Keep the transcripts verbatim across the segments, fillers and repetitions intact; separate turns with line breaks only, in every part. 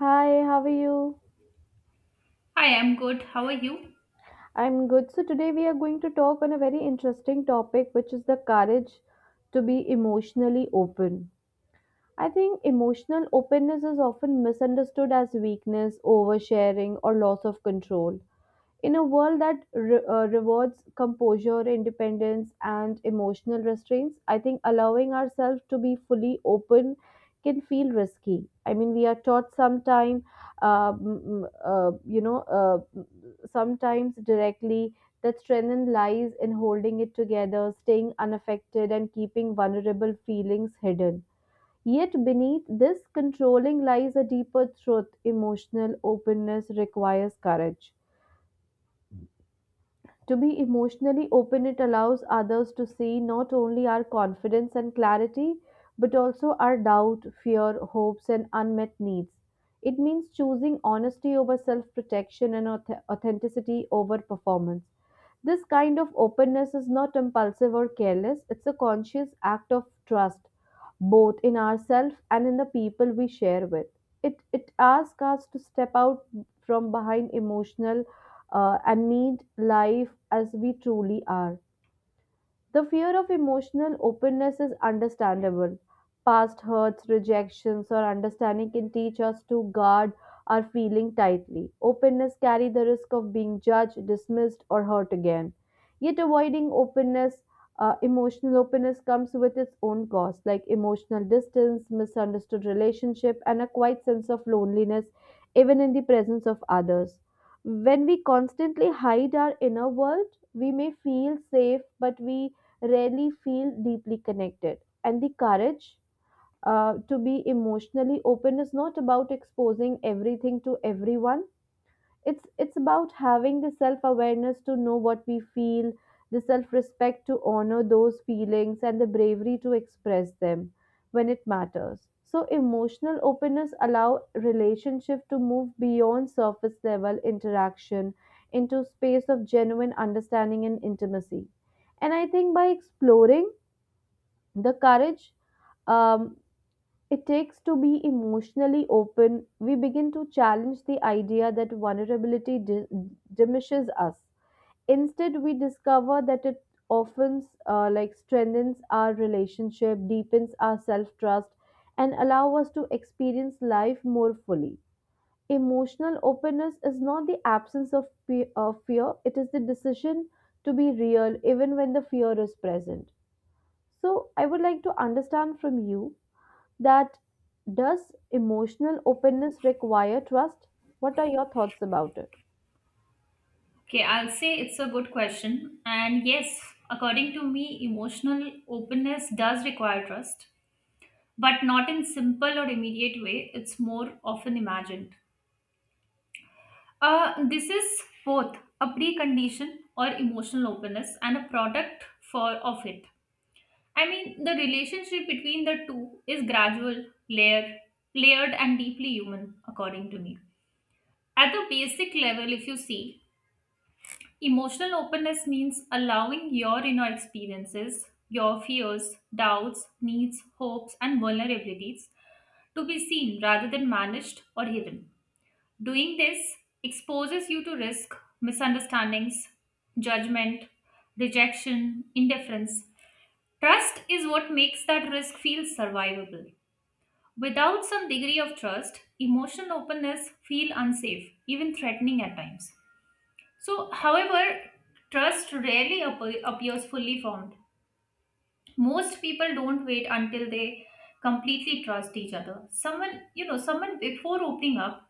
Hi, how are you?
Hi, I'm good. How are you?
I'm good. So today we are going to talk on a very interesting topic, which is the courage to be emotionally open. I think emotional openness is often misunderstood as weakness, oversharing, or loss of control. In a world that re- uh, rewards composure, independence, and emotional restraints, I think allowing ourselves to be fully open can feel risky. I mean, we are taught sometime, uh, mm, uh, you know, uh, sometimes directly that strength lies in holding it together, staying unaffected, and keeping vulnerable feelings hidden. Yet beneath this controlling lies a deeper truth. Emotional openness requires courage to be emotionally open. It allows others to see not only our confidence and clarity, but also our doubt, fear, hopes, and unmet needs. It means choosing honesty over self protection and auth- authenticity over performance. This kind of openness is not impulsive or careless. It's a conscious act of trust, both in ourselves and in the people we share with. It, it asks us to step out from behind emotional uh, and meet life as we truly are. The fear of emotional openness is understandable. Past hurts, rejections, or understanding can teach us to guard our feeling tightly. Openness carries the risk of being judged, dismissed, or hurt again. Yet avoiding openness, uh, emotional openness comes with its own cost, like emotional distance, misunderstood relationship, and a quiet sense of loneliness, even in the presence of others. When we constantly hide our inner world, we may feel safe, but we rarely feel deeply connected. And the courage uh, to be emotionally open is not about exposing everything to everyone. It's it's about having the self awareness to know what we feel, the self respect to honor those feelings, and the bravery to express them when it matters. So emotional openness allow relationship to move beyond surface level interaction into space of genuine understanding and intimacy. And I think by exploring the courage um, it takes to be emotionally open, we begin to challenge the idea that vulnerability di- diminishes us. Instead, we discover that it often uh, like strengthens our relationship, deepens our self-trust, and allow us to experience life more fully. Emotional openness is not the absence of fe- of fear; it is the decision to be real, even when the fear is present. So I would like to understand from you that does emotional openness require trust? What are your thoughts about it?
Okay, I'll say it's a good question. And yes, according to me, emotional openness does require trust, but not in simple or immediate way. It's more often imagined. Uh, this is both a precondition or emotional openness and a product for of it. I mean, the relationship between the two is gradual, layer, layered, and deeply human, according to me. At the basic level, if you see, emotional openness means allowing your inner experiences, your fears, doubts, needs, hopes, and vulnerabilities to be seen rather than managed or hidden. Doing this exposes you to risk, misunderstandings, judgment, rejection, indifference. Trust is what makes that risk feel survivable. Without some degree of trust, emotional openness feel unsafe, even threatening at times. So, however, trust rarely appe- appears fully formed. Most people don't wait until they completely trust each other. Someone, you know, someone before opening up.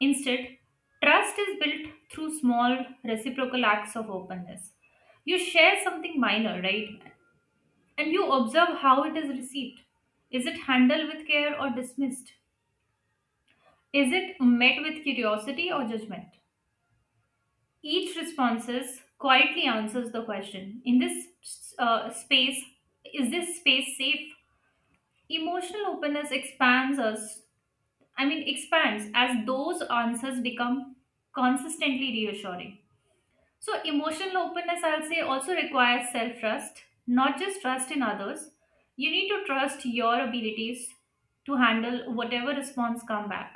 Instead, trust is built through small reciprocal acts of openness. You share something minor, right? And you observe how it is received. Is it handled with care or dismissed? Is it met with curiosity or judgment? Each responses quietly answers the question. In this uh, space, is this space safe? Emotional openness expands us, I mean, expands as those answers become consistently reassuring. So, emotional openness, I'll say, also requires self trust, not just trust in others. You need to trust your abilities to handle whatever response come back,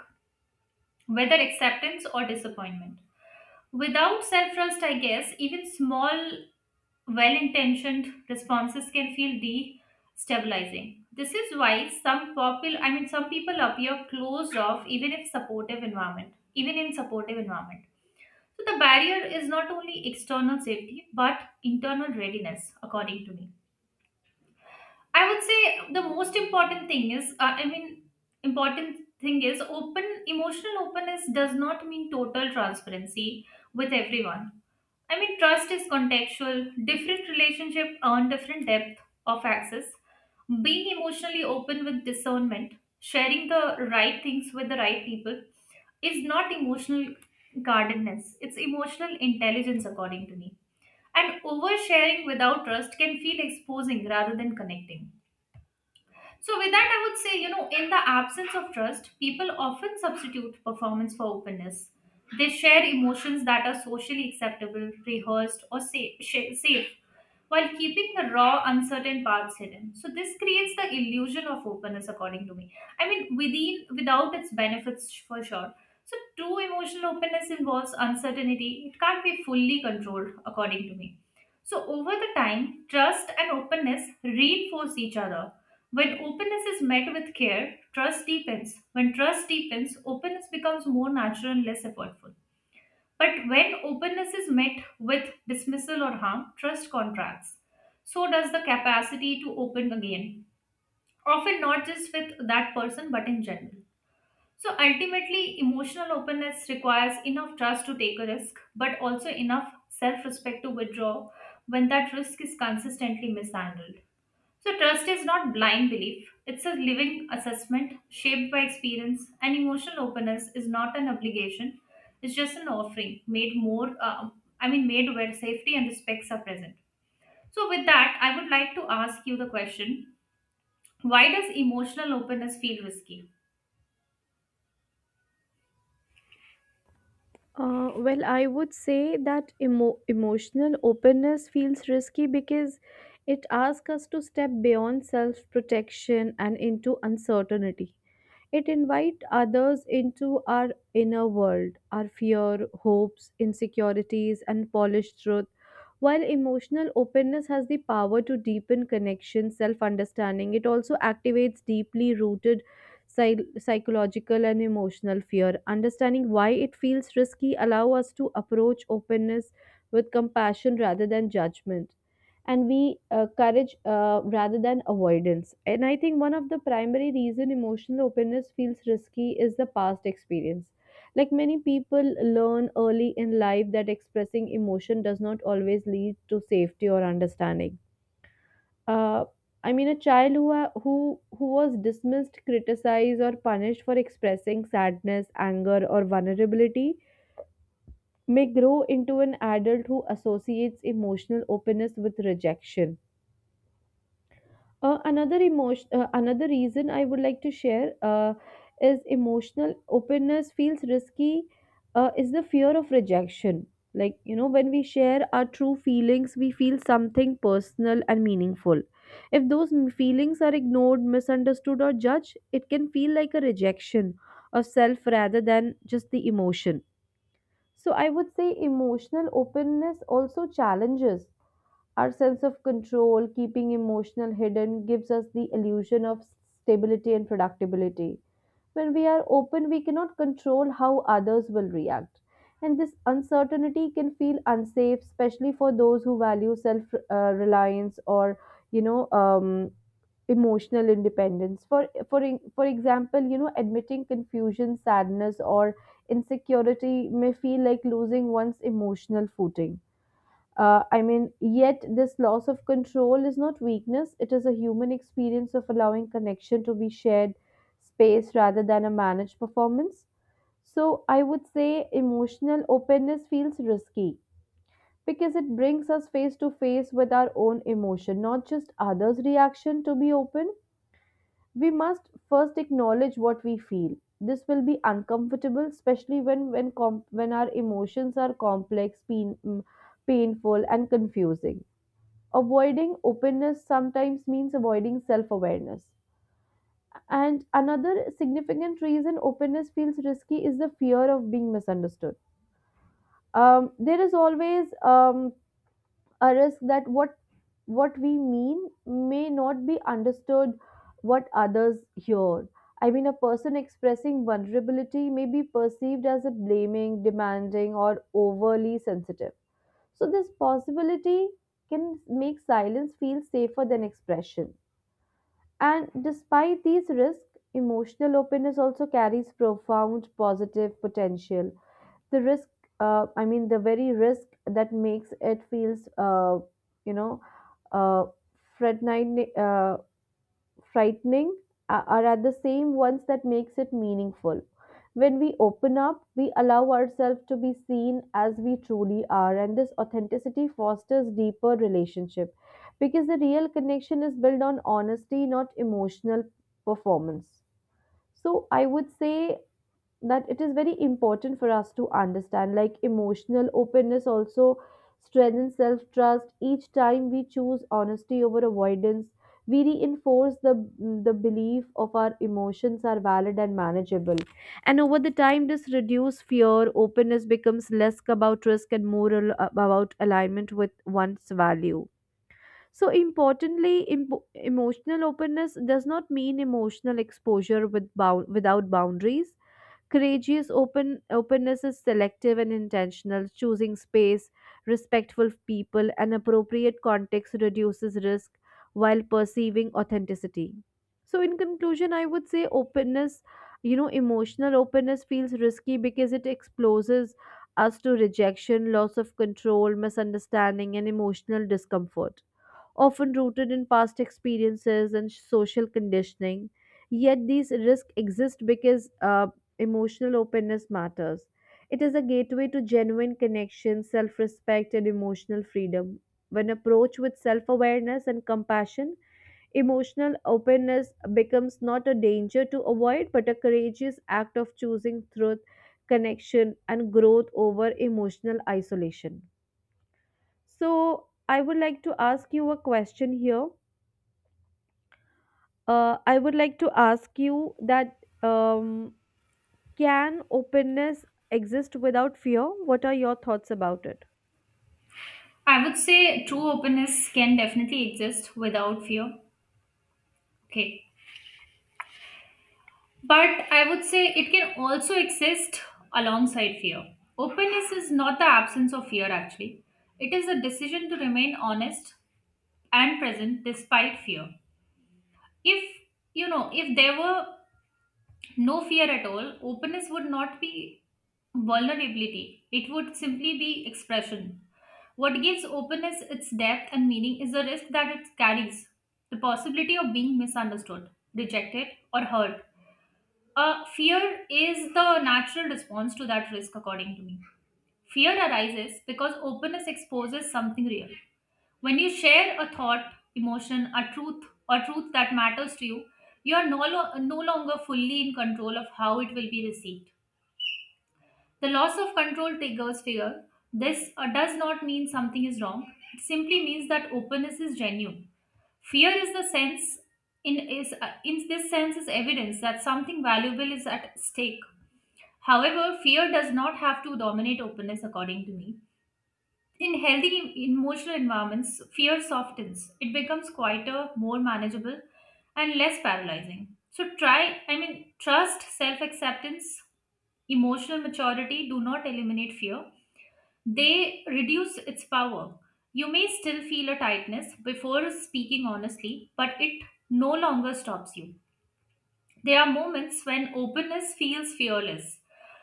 whether acceptance or disappointment without self trust. I guess even small well intentioned responses can feel destabilizing. This is why some popul I mean some people appear closed off even if supportive environment, even in supportive environment. So the barrier is not only external safety but internal readiness, according to me. I would say the most important thing is uh, I mean important thing is open emotional openness does not mean total transparency with everyone. I mean, trust is contextual. Different relationships earn different depth of access. Being emotionally open with discernment, sharing the right things with the right people, is not emotional guardedness. It's emotional intelligence, according to me. And oversharing without trust can feel exposing rather than connecting. So, with that, I would say, you know, in the absence of trust, people often substitute performance for openness. They share emotions that are socially acceptable, rehearsed, or sa- sh- safe, while keeping the raw, uncertain parts hidden. So, this creates the illusion of openness, according to me. I mean, within without its benefits for sure. So, true emotional openness involves uncertainty. It can't be fully controlled, according to me. So, over the time, trust and openness reinforce each other. When openness is met with care, trust deepens. When trust deepens, openness becomes more natural and less effortful. But when openness is met with dismissal or harm, trust contracts. So does the capacity to open again, often not just with that person but in general. So ultimately, emotional openness requires enough trust to take a risk, but also enough self respect to withdraw when that risk is consistently mishandled. So, trust is not blind belief, it's a living assessment shaped by experience, and emotional openness is not an obligation, it's just an offering made more, uh, I mean, made where safety and respects are present. So, with that, I would like to ask you the question, why does emotional openness feel risky?
Uh, well, I would say that emo- emotional openness feels risky because it asks us to step beyond self protection and into uncertainty. It invites others into our inner world, our fear, hopes, insecurities, and polished truth. While emotional openness has the power to deepen connection, self understanding, it also activates deeply rooted psy- psychological and emotional fear. Understanding why it feels risky allow us to approach openness with compassion rather than judgment, and we uh, courage uh, rather than avoidance. And I think one of the primary reason emotional openness feels risky is the past experience. Like many people learn early in life that expressing emotion does not always lead to safety or understanding. uh, I mean, a child who wa- who who was dismissed, criticized, or punished for expressing sadness, anger, or vulnerability may grow into an adult who associates emotional openness with rejection. Uh, another emotion, uh, another reason I would like to share uh, is emotional openness feels risky. Uh, is the fear of rejection? Like, you know, when we share our true feelings, we feel something personal and meaningful. If those m- feelings are ignored, misunderstood, or judged, it can feel like a rejection of self rather than just the emotion. So I would say emotional openness also challenges our sense of control. Keeping emotional hidden gives us the illusion of stability and predictability. When we are open, we cannot control how others will react. And this uncertainty can feel unsafe, especially for those who value self uh, reliance, or, you know, um, emotional independence. For for e, for example, you know, admitting confusion, sadness, or insecurity may feel like losing one's emotional footing. uh, I mean, yet this loss of control is not weakness. It is a human experience of allowing connection to be shared space rather than a managed performance. So, I would say emotional openness feels risky because it brings us face to face with our own emotion, not just others' reaction. To be open, we must first acknowledge what we feel. This will be uncomfortable, especially when when com- when our emotions are complex, pain, mm, painful, and confusing. Avoiding openness sometimes means avoiding self awareness. And another significant reason openness feels risky is the fear of being misunderstood. Um, there is always um, a risk that what what we mean may not be understood what others hear. I mean, a person expressing vulnerability may be perceived as a blaming, demanding, or overly sensitive. So, this possibility can make silence feel safer than expression. And despite these risks, emotional openness also carries profound positive potential. The risk, uh, I mean, the very risk that makes it feels, uh, you know, uh, frightening, uh, frightening a- are at the same ones that makes it meaningful. When we open up, we allow ourselves to be seen as we truly are, and this authenticity fosters deeper relationship, because the real connection is built on honesty, not emotional performance. So I would say that it is very important for us to understand, like, emotional openness also strengthens self trust. Each time we choose honesty over avoidance, we reinforce the the belief of our emotions are valid and manageable. And over the time, this reduces fear. Openness becomes less about risk and more al- about alignment with one's value. So importantly, impo- emotional openness does not mean emotional exposure with bound- without boundaries. Courageous open openness is selective and intentional. Choosing space, respectful people, and appropriate context reduces risk while perceiving authenticity. So in conclusion, I would say openness, you know, emotional openness feels risky because it exposes us to rejection, loss of control, misunderstanding, and emotional discomfort, often rooted in past experiences and social conditioning. Yet these risks exist because uh, emotional openness matters. It is a gateway to genuine connection, self respect, and emotional freedom. When approached with self awareness and compassion, emotional openness becomes not a danger to avoid but a courageous act of choosing truth, connection, and growth over emotional isolation. So, I would like to ask you a question here. uh, I would like to ask you that, um, can openness exist without fear? What are your thoughts about it?
I would say true openness can definitely exist without fear. Okay. But I would say it can also exist alongside fear. Openness is not the absence of fear, actually. It is a decision to remain honest and present despite fear. If, you know, if there were no fear at all, openness would not be vulnerability, it would simply be expression. What gives openness its depth and meaning is the risk that it carries, the possibility of being misunderstood, rejected, or hurt. Uh, fear is the natural response to that risk, according to me. Fear arises because openness exposes something real. When you share a thought, emotion, a truth, or truth that matters to you, you are no, lo- no longer fully in control of how it will be received. The loss of control triggers fear. This uh, does not mean something is wrong. It simply means that openness is genuine. Fear is the sense in is uh, in this sense is evidence that something valuable is at stake. However, fear does not have to dominate openness according to me. In healthy emotional environments, fear softens. It becomes quieter, more manageable, and less paralyzing. So try, I mean, trust, self acceptance, emotional maturity do not eliminate fear, they reduce its power. You may still feel a tightness before speaking honestly, but it no longer stops you. There are moments when openness feels fearless,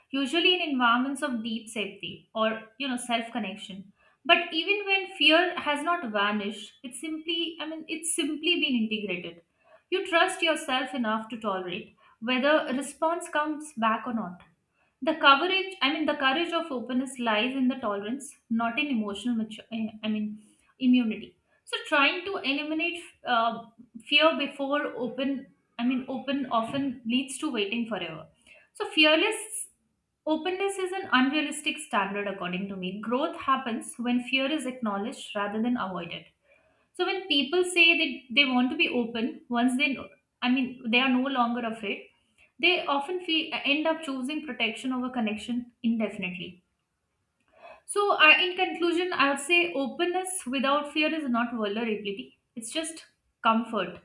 usually in environments of deep safety or you know self-connection. But even when fear has not vanished, it's simply I mean it's simply been integrated. You trust yourself enough to tolerate whether a response comes back or not. The coverage, I mean, the courage of openness lies in the tolerance, not in emotional, mature, eh, I mean, immunity. So, trying to eliminate uh, fear before open, I mean, open often leads to waiting forever. So, fearless openness is an unrealistic standard, according to me. Growth happens when fear is acknowledged rather than avoided. So when people say that they want to be open, once they, know, I mean, they are no longer afraid, they often feel, uh, end up choosing protection over connection indefinitely. So I, in conclusion, I would say openness without fear is not vulnerability. It's just comfort.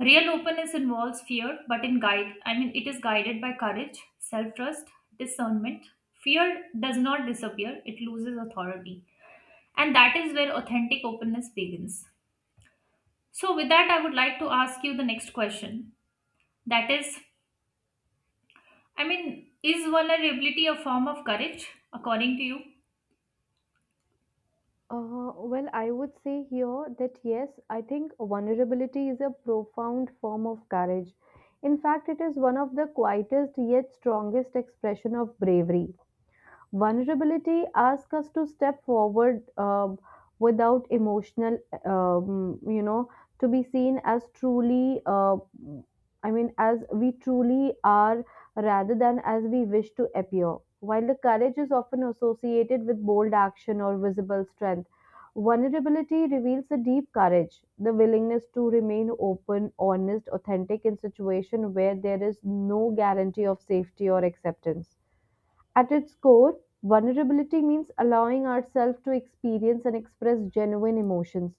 Real openness involves fear, but in guide, I mean, it is guided by courage, self-trust, discernment. Fear does not disappear; it loses authority, and that is where authentic openness begins. So, with that, I would like to ask you the next question. That is, I mean, is vulnerability a form of courage, according to you?
Uh, well, I would say here that yes, I think vulnerability is a profound form of courage. In fact, it is one of the quietest yet strongest expression of bravery. Vulnerability asks us to step forward um, without emotional, um, you know to be seen as truly, uh, I mean, as we truly are, rather than as we wish to appear. While the courage is often associated with bold action or visible strength, vulnerability reveals a deep courage, the willingness to remain open, honest, authentic in situations where there is no guarantee of safety or acceptance. At its core, vulnerability means allowing ourselves to experience and express genuine emotions,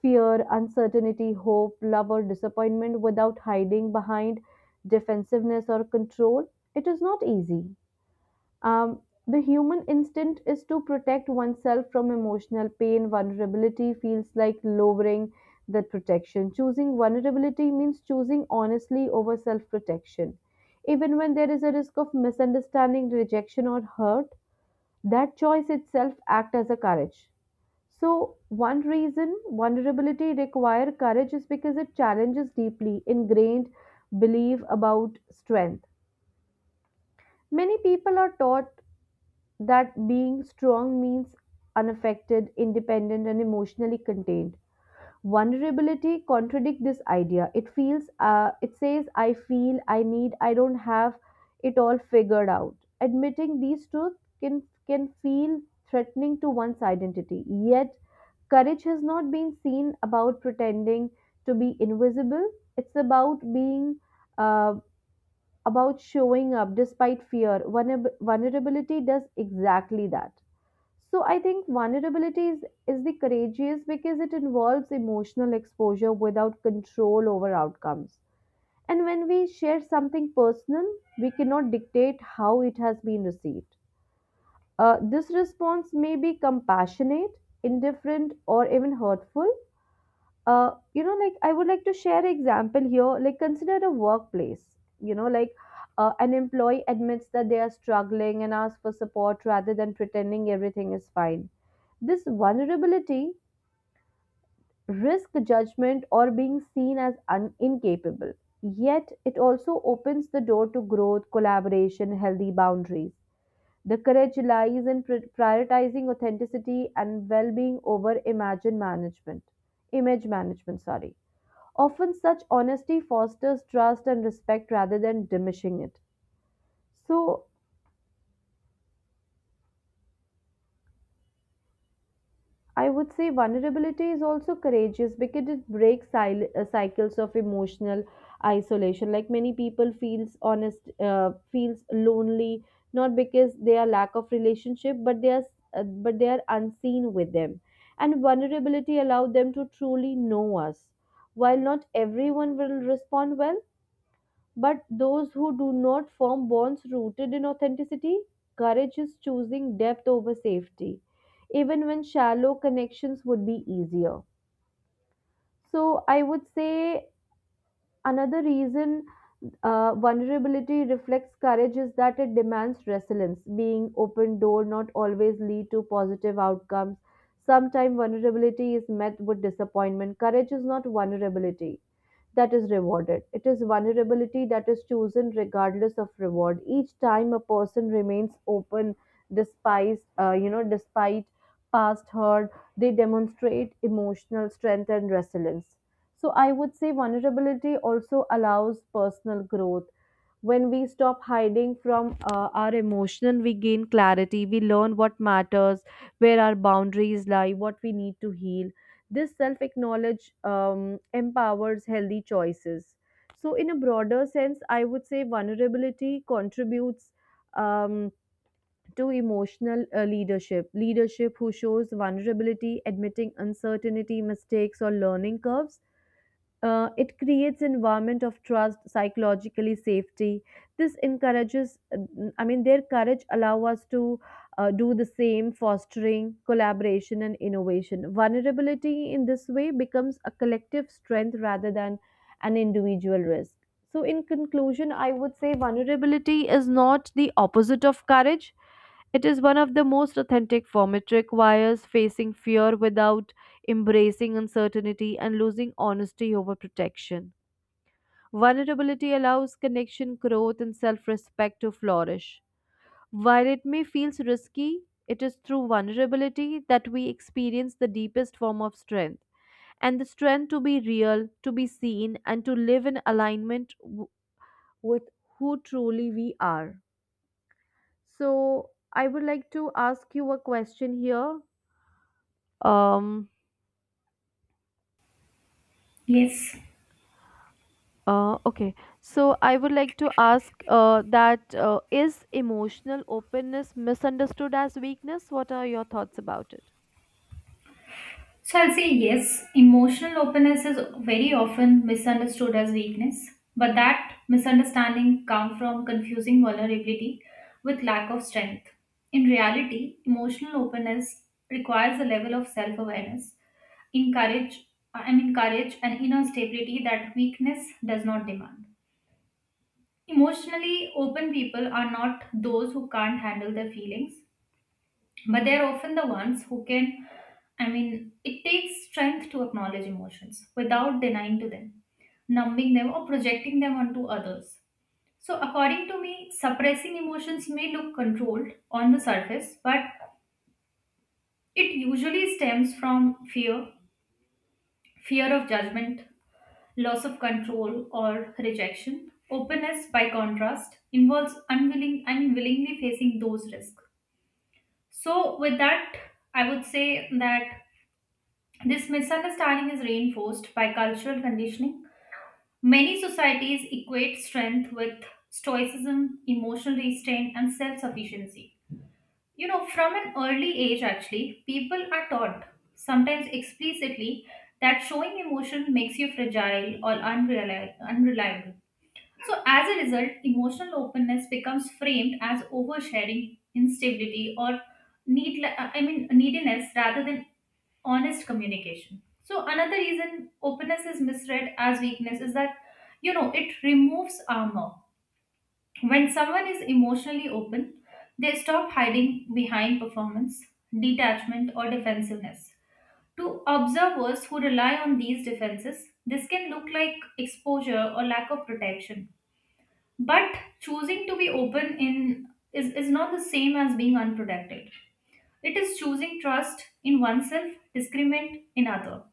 fear, uncertainty, hope, love, or disappointment, without hiding behind defensiveness or control. It is not easy. Um, the human instinct is to protect oneself from emotional pain. Vulnerability feels like lowering that protection. Choosing vulnerability means choosing honestly over self protection. Even when there is a risk of misunderstanding, rejection, or hurt, that choice itself acts as a courage. So, one reason vulnerability require courage is because it challenges deeply ingrained belief about strength. Many people are taught that being strong means unaffected, independent, and emotionally contained. Vulnerability contradicts this idea. It feels, uh, it says, I feel, I need, I don't have it all figured out. Admitting these truths can can feel threatening to one's identity. Yet, courage has not been seen about pretending to be invisible. It's about being, uh, about showing up despite fear. Vulner- Vulnerability does exactly that. So I think vulnerability is, is the courageous because it involves emotional exposure without control over outcomes. And when we share something personal, we cannot dictate how it has been received. Uh, this response may be compassionate, indifferent, or even hurtful. Uh, you know, like, I would like to share example here. Like, consider a workplace. You know, like, uh, an employee admits that they are struggling and asks for support rather than pretending everything is fine. This vulnerability risk judgment or being seen as un- incapable. Yet it also opens the door to growth, collaboration, healthy boundaries. The courage lies in pri- prioritizing authenticity and well-being over imagine management, image management. Sorry. Often, such honesty fosters trust and respect rather than diminishing it. So, I would say vulnerability is also courageous because it breaks sil- uh, cycles of emotional isolation. Like many people feels honest, uh, feels lonely not because they are lack of relationship, but they are uh, but they are unseen with them. And vulnerability allow them to truly know us. While not everyone will respond well, but those who do not form bonds rooted in authenticity, courage is choosing depth over safety, even when shallow connections would be easier. So, I would say another reason uh, vulnerability reflects courage is that it demands resilience. Being open door not always lead to positive outcomes. Sometimes vulnerability is met with disappointment. Courage is not vulnerability that is rewarded. It is vulnerability that is chosen regardless of reward. Each time a person remains open, despite uh, you know, despite past hurt, they demonstrate emotional strength and resilience. So I would say vulnerability also allows personal growth when we stop hiding from uh, our emotion, we gain clarity, we learn what matters, where our boundaries lie, what we need to heal. This self acknowledge um, empowers healthy choices. So in a broader sense, I would say vulnerability contributes um, to emotional uh, leadership leadership who shows vulnerability, admitting uncertainty, mistakes or learning curves. Uh, it creates environment of trust, psychologically safety. This encourages, I mean their courage allow us to uh, do the same, fostering collaboration and innovation. Vulnerability in this way becomes a collective strength rather than an individual risk. So in conclusion, I would say vulnerability is not the opposite of courage, it is one of the most authentic form. It requires facing fear without embracing uncertainty, and losing honesty over protection. Vulnerability allows connection, growth, and self respect to flourish. While it may feel risky, it is through vulnerability that we experience the deepest form of strength. And the strength to be real, to be seen, and to live in alignment w- with who truly we are. So, I would like to ask you a question here. Um,
Yes.
Uh, okay, so I would like to ask uh, that uh, is emotional openness misunderstood as weakness? What are your thoughts about it?
So I'll say yes. Emotional openness is very often misunderstood as weakness, but that misunderstanding comes from confusing vulnerability with lack of strength. In reality, emotional openness requires a level of self awareness, encourage, I mean, courage and inner stability that weakness does not demand. Emotionally open people are not those who can't handle their feelings, but they are often the ones who can. I mean, it takes strength to acknowledge emotions without denying to them, numbing them, or projecting them onto others. So, according to me, suppressing emotions may look controlled on the surface, but it usually stems from fear, fear of judgment, loss of control or rejection. Openness, by contrast, involves unwilling and willingly facing those risks. So, with that, I would say that this misunderstanding is reinforced by cultural conditioning. Many societies equate strength with stoicism, emotional restraint, and self sufficiency. You know, from an early age, actually, people are taught, sometimes explicitly, that showing emotion makes you fragile or unreli- unreliable. So, as a result, emotional openness becomes framed as oversharing, instability, or need, uh, I mean, neediness rather than honest communication. So, another reason openness is misread as weakness is that, you know, it removes armor. When someone is emotionally open, they stop hiding behind performance, detachment, or defensiveness. To observers who rely on these defenses, this can look like exposure or lack of protection, but choosing to be open in is, is not the same as being unprotected. It is choosing trust in oneself, discriminate in other.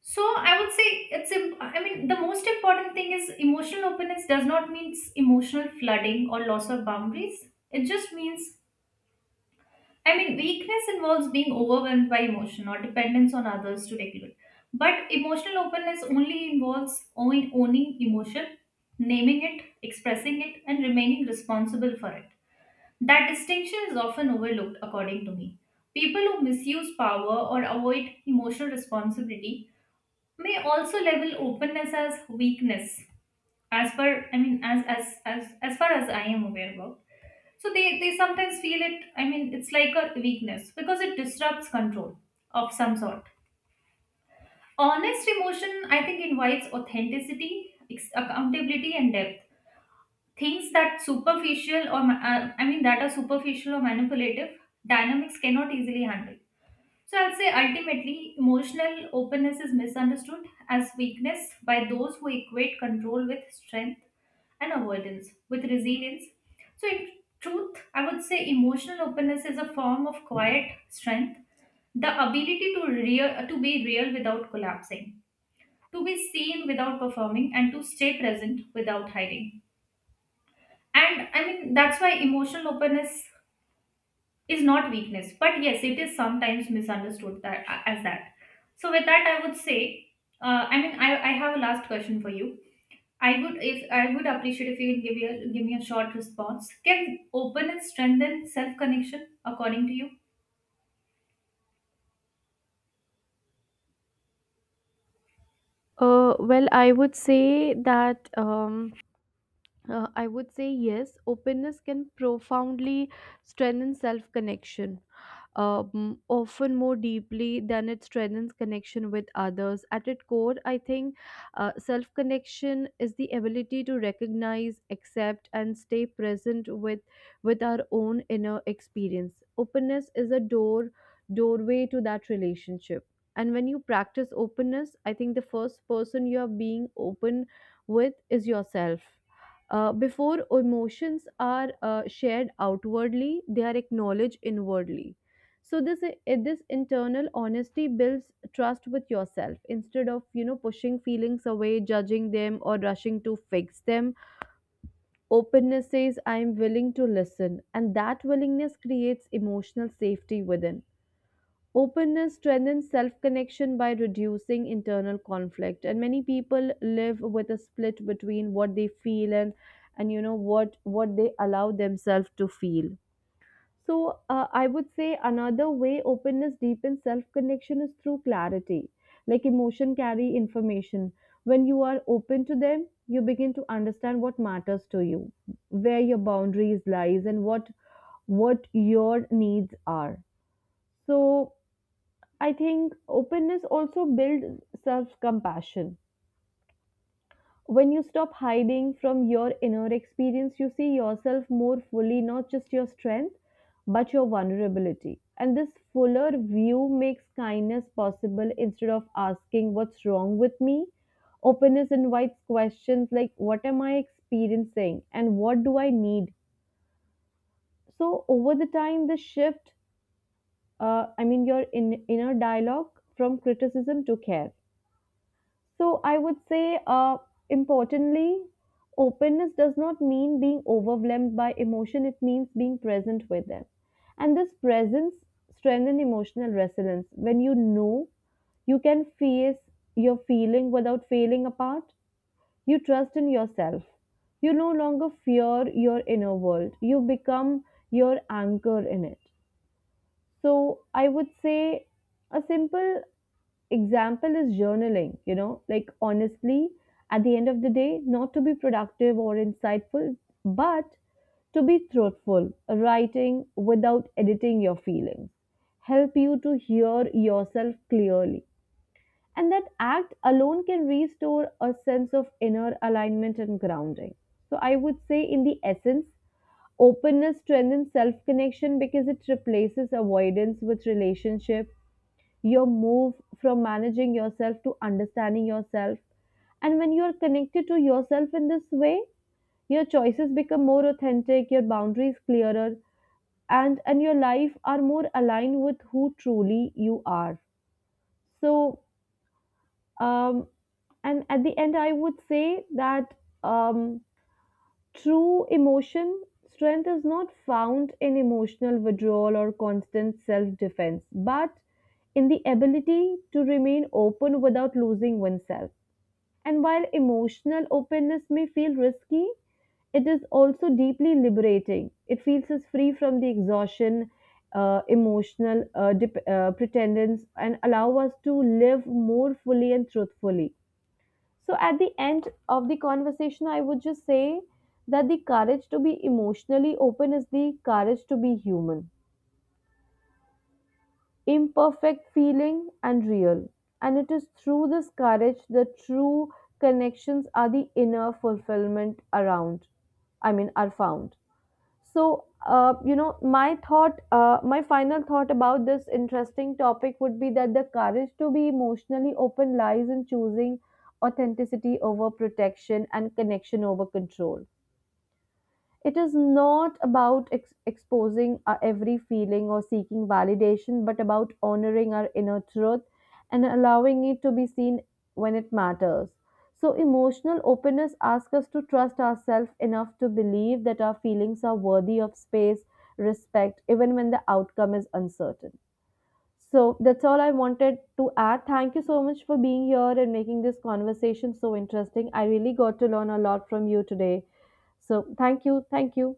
So I would say it's im- I mean the most important thing is emotional openness does not mean emotional flooding or loss of boundaries. It just means I mean, Weakness involves being overwhelmed by emotion or dependence on others to regulate. But emotional openness only involves own- owning emotion, naming it, expressing it, and remaining responsible for it. That distinction is often overlooked, according to me. People who misuse power or avoid emotional responsibility may also label openness as weakness, as per I mean, as as as as far as I am aware about. So they, they sometimes feel it, I mean, it's like a weakness because it disrupts control of some sort. Honest emotion, I think, invites authenticity, ex- accountability, and depth. Things that superficial or, ma- uh, I mean, that are superficial or manipulative, dynamics cannot easily handle. So I'll say ultimately, emotional openness is misunderstood as weakness by those who equate control with strength and avoidance with resilience. So, in truth, I would say emotional openness is a form of quiet strength, the ability to real, to be real without collapsing, to be seen without performing, and to stay present without hiding. And I mean, that's why emotional openness is not weakness but yes it is sometimes misunderstood that, as that. So with that I would say uh, i mean I, I have a last question for you. I would, if I would appreciate if you can give, you a, give me a short response, can open and strengthen self connection according to you?
Uh, well, I would say that. Um, Uh, I would say yes, openness can profoundly strengthen self connection, um, often more deeply than it strengthens connection with others. At its core, I think uh, self connection is the ability to recognize, accept, and stay present with, with our own inner experience. Openness is a door doorway to that relationship. And when you practice openness, I think the first person you are being open with is yourself. Uh, before emotions are uh, shared outwardly, they are acknowledged inwardly. So this i- this internal honesty builds trust with yourself instead of, you know, pushing feelings away, judging them, or rushing to fix them. Openness says, "I am willing to listen," and that willingness creates emotional safety within. Openness strengthens self connection by reducing internal conflict. And many people live with a split between what they feel and, and, you know, what, what they allow themselves to feel. So, uh, I would say another way openness deepens self connection is through clarity. Like emotion carry information. When you are open to them, you begin to understand what matters to you, where your boundaries lies, and what what your needs are. So I think openness also builds self compassion. When you stop hiding from your inner experience, you see yourself more fully, not just your strength, but your vulnerability. And this fuller view makes kindness possible instead of asking, What's wrong with me? Openness invites questions like, What am I experiencing? And what do I need? So, over the time, the shift, uh, I mean, your in- inner dialogue from criticism to care. So I would say, uh, importantly, openness does not mean being overwhelmed by emotion. It means being present with them, and this presence strengthens emotional resilience. When you know you can face your feeling without failing apart, you trust in yourself. You no longer fear your inner world. You become your anchor in it. So I would say a simple example is journaling, you know, like honestly, at the end of the day, not to be productive or insightful, but to be truthful, writing without editing your feelings, help you to hear yourself clearly. And that act alone can restore a sense of inner alignment and grounding. So, I would say, in the essence, openness strengthens self connection because it replaces avoidance with relationship. Your move from managing yourself to understanding yourself. And when you are connected to yourself in this way, your choices become more authentic, your boundaries clearer, and and your life are more aligned with who truly you are. So, um, and at the end, I would say that, um, true emotion strength is not found in emotional withdrawal or constant self defense, but in the ability to remain open without losing oneself. And while emotional openness may feel risky, it is also deeply liberating. It feels us free from the exhaustion, uh, emotional uh, dep- uh, pretendence, and allow us to live more fully and truthfully. So at the end of the conversation, I would just say that the courage to be emotionally open is the courage to be human, imperfect, feeling, and real. And it is through this courage that true connections are the inner fulfillment around, I mean, are found. So, uh, you know, my thought, uh, my final thought about this interesting topic would be that the courage to be emotionally open lies in choosing authenticity over protection and connection over control. It is not about ex- exposing our every feeling or seeking validation, but about honoring our inner truth and allowing it to be seen when it matters. So, emotional openness asks us to trust ourselves enough to believe that our feelings are worthy of space, respect, even when the outcome is uncertain. So, that's all I wanted to add. Thank you so much for being here and making this conversation so interesting. I really got to learn a lot from you today. So, thank you. Thank you.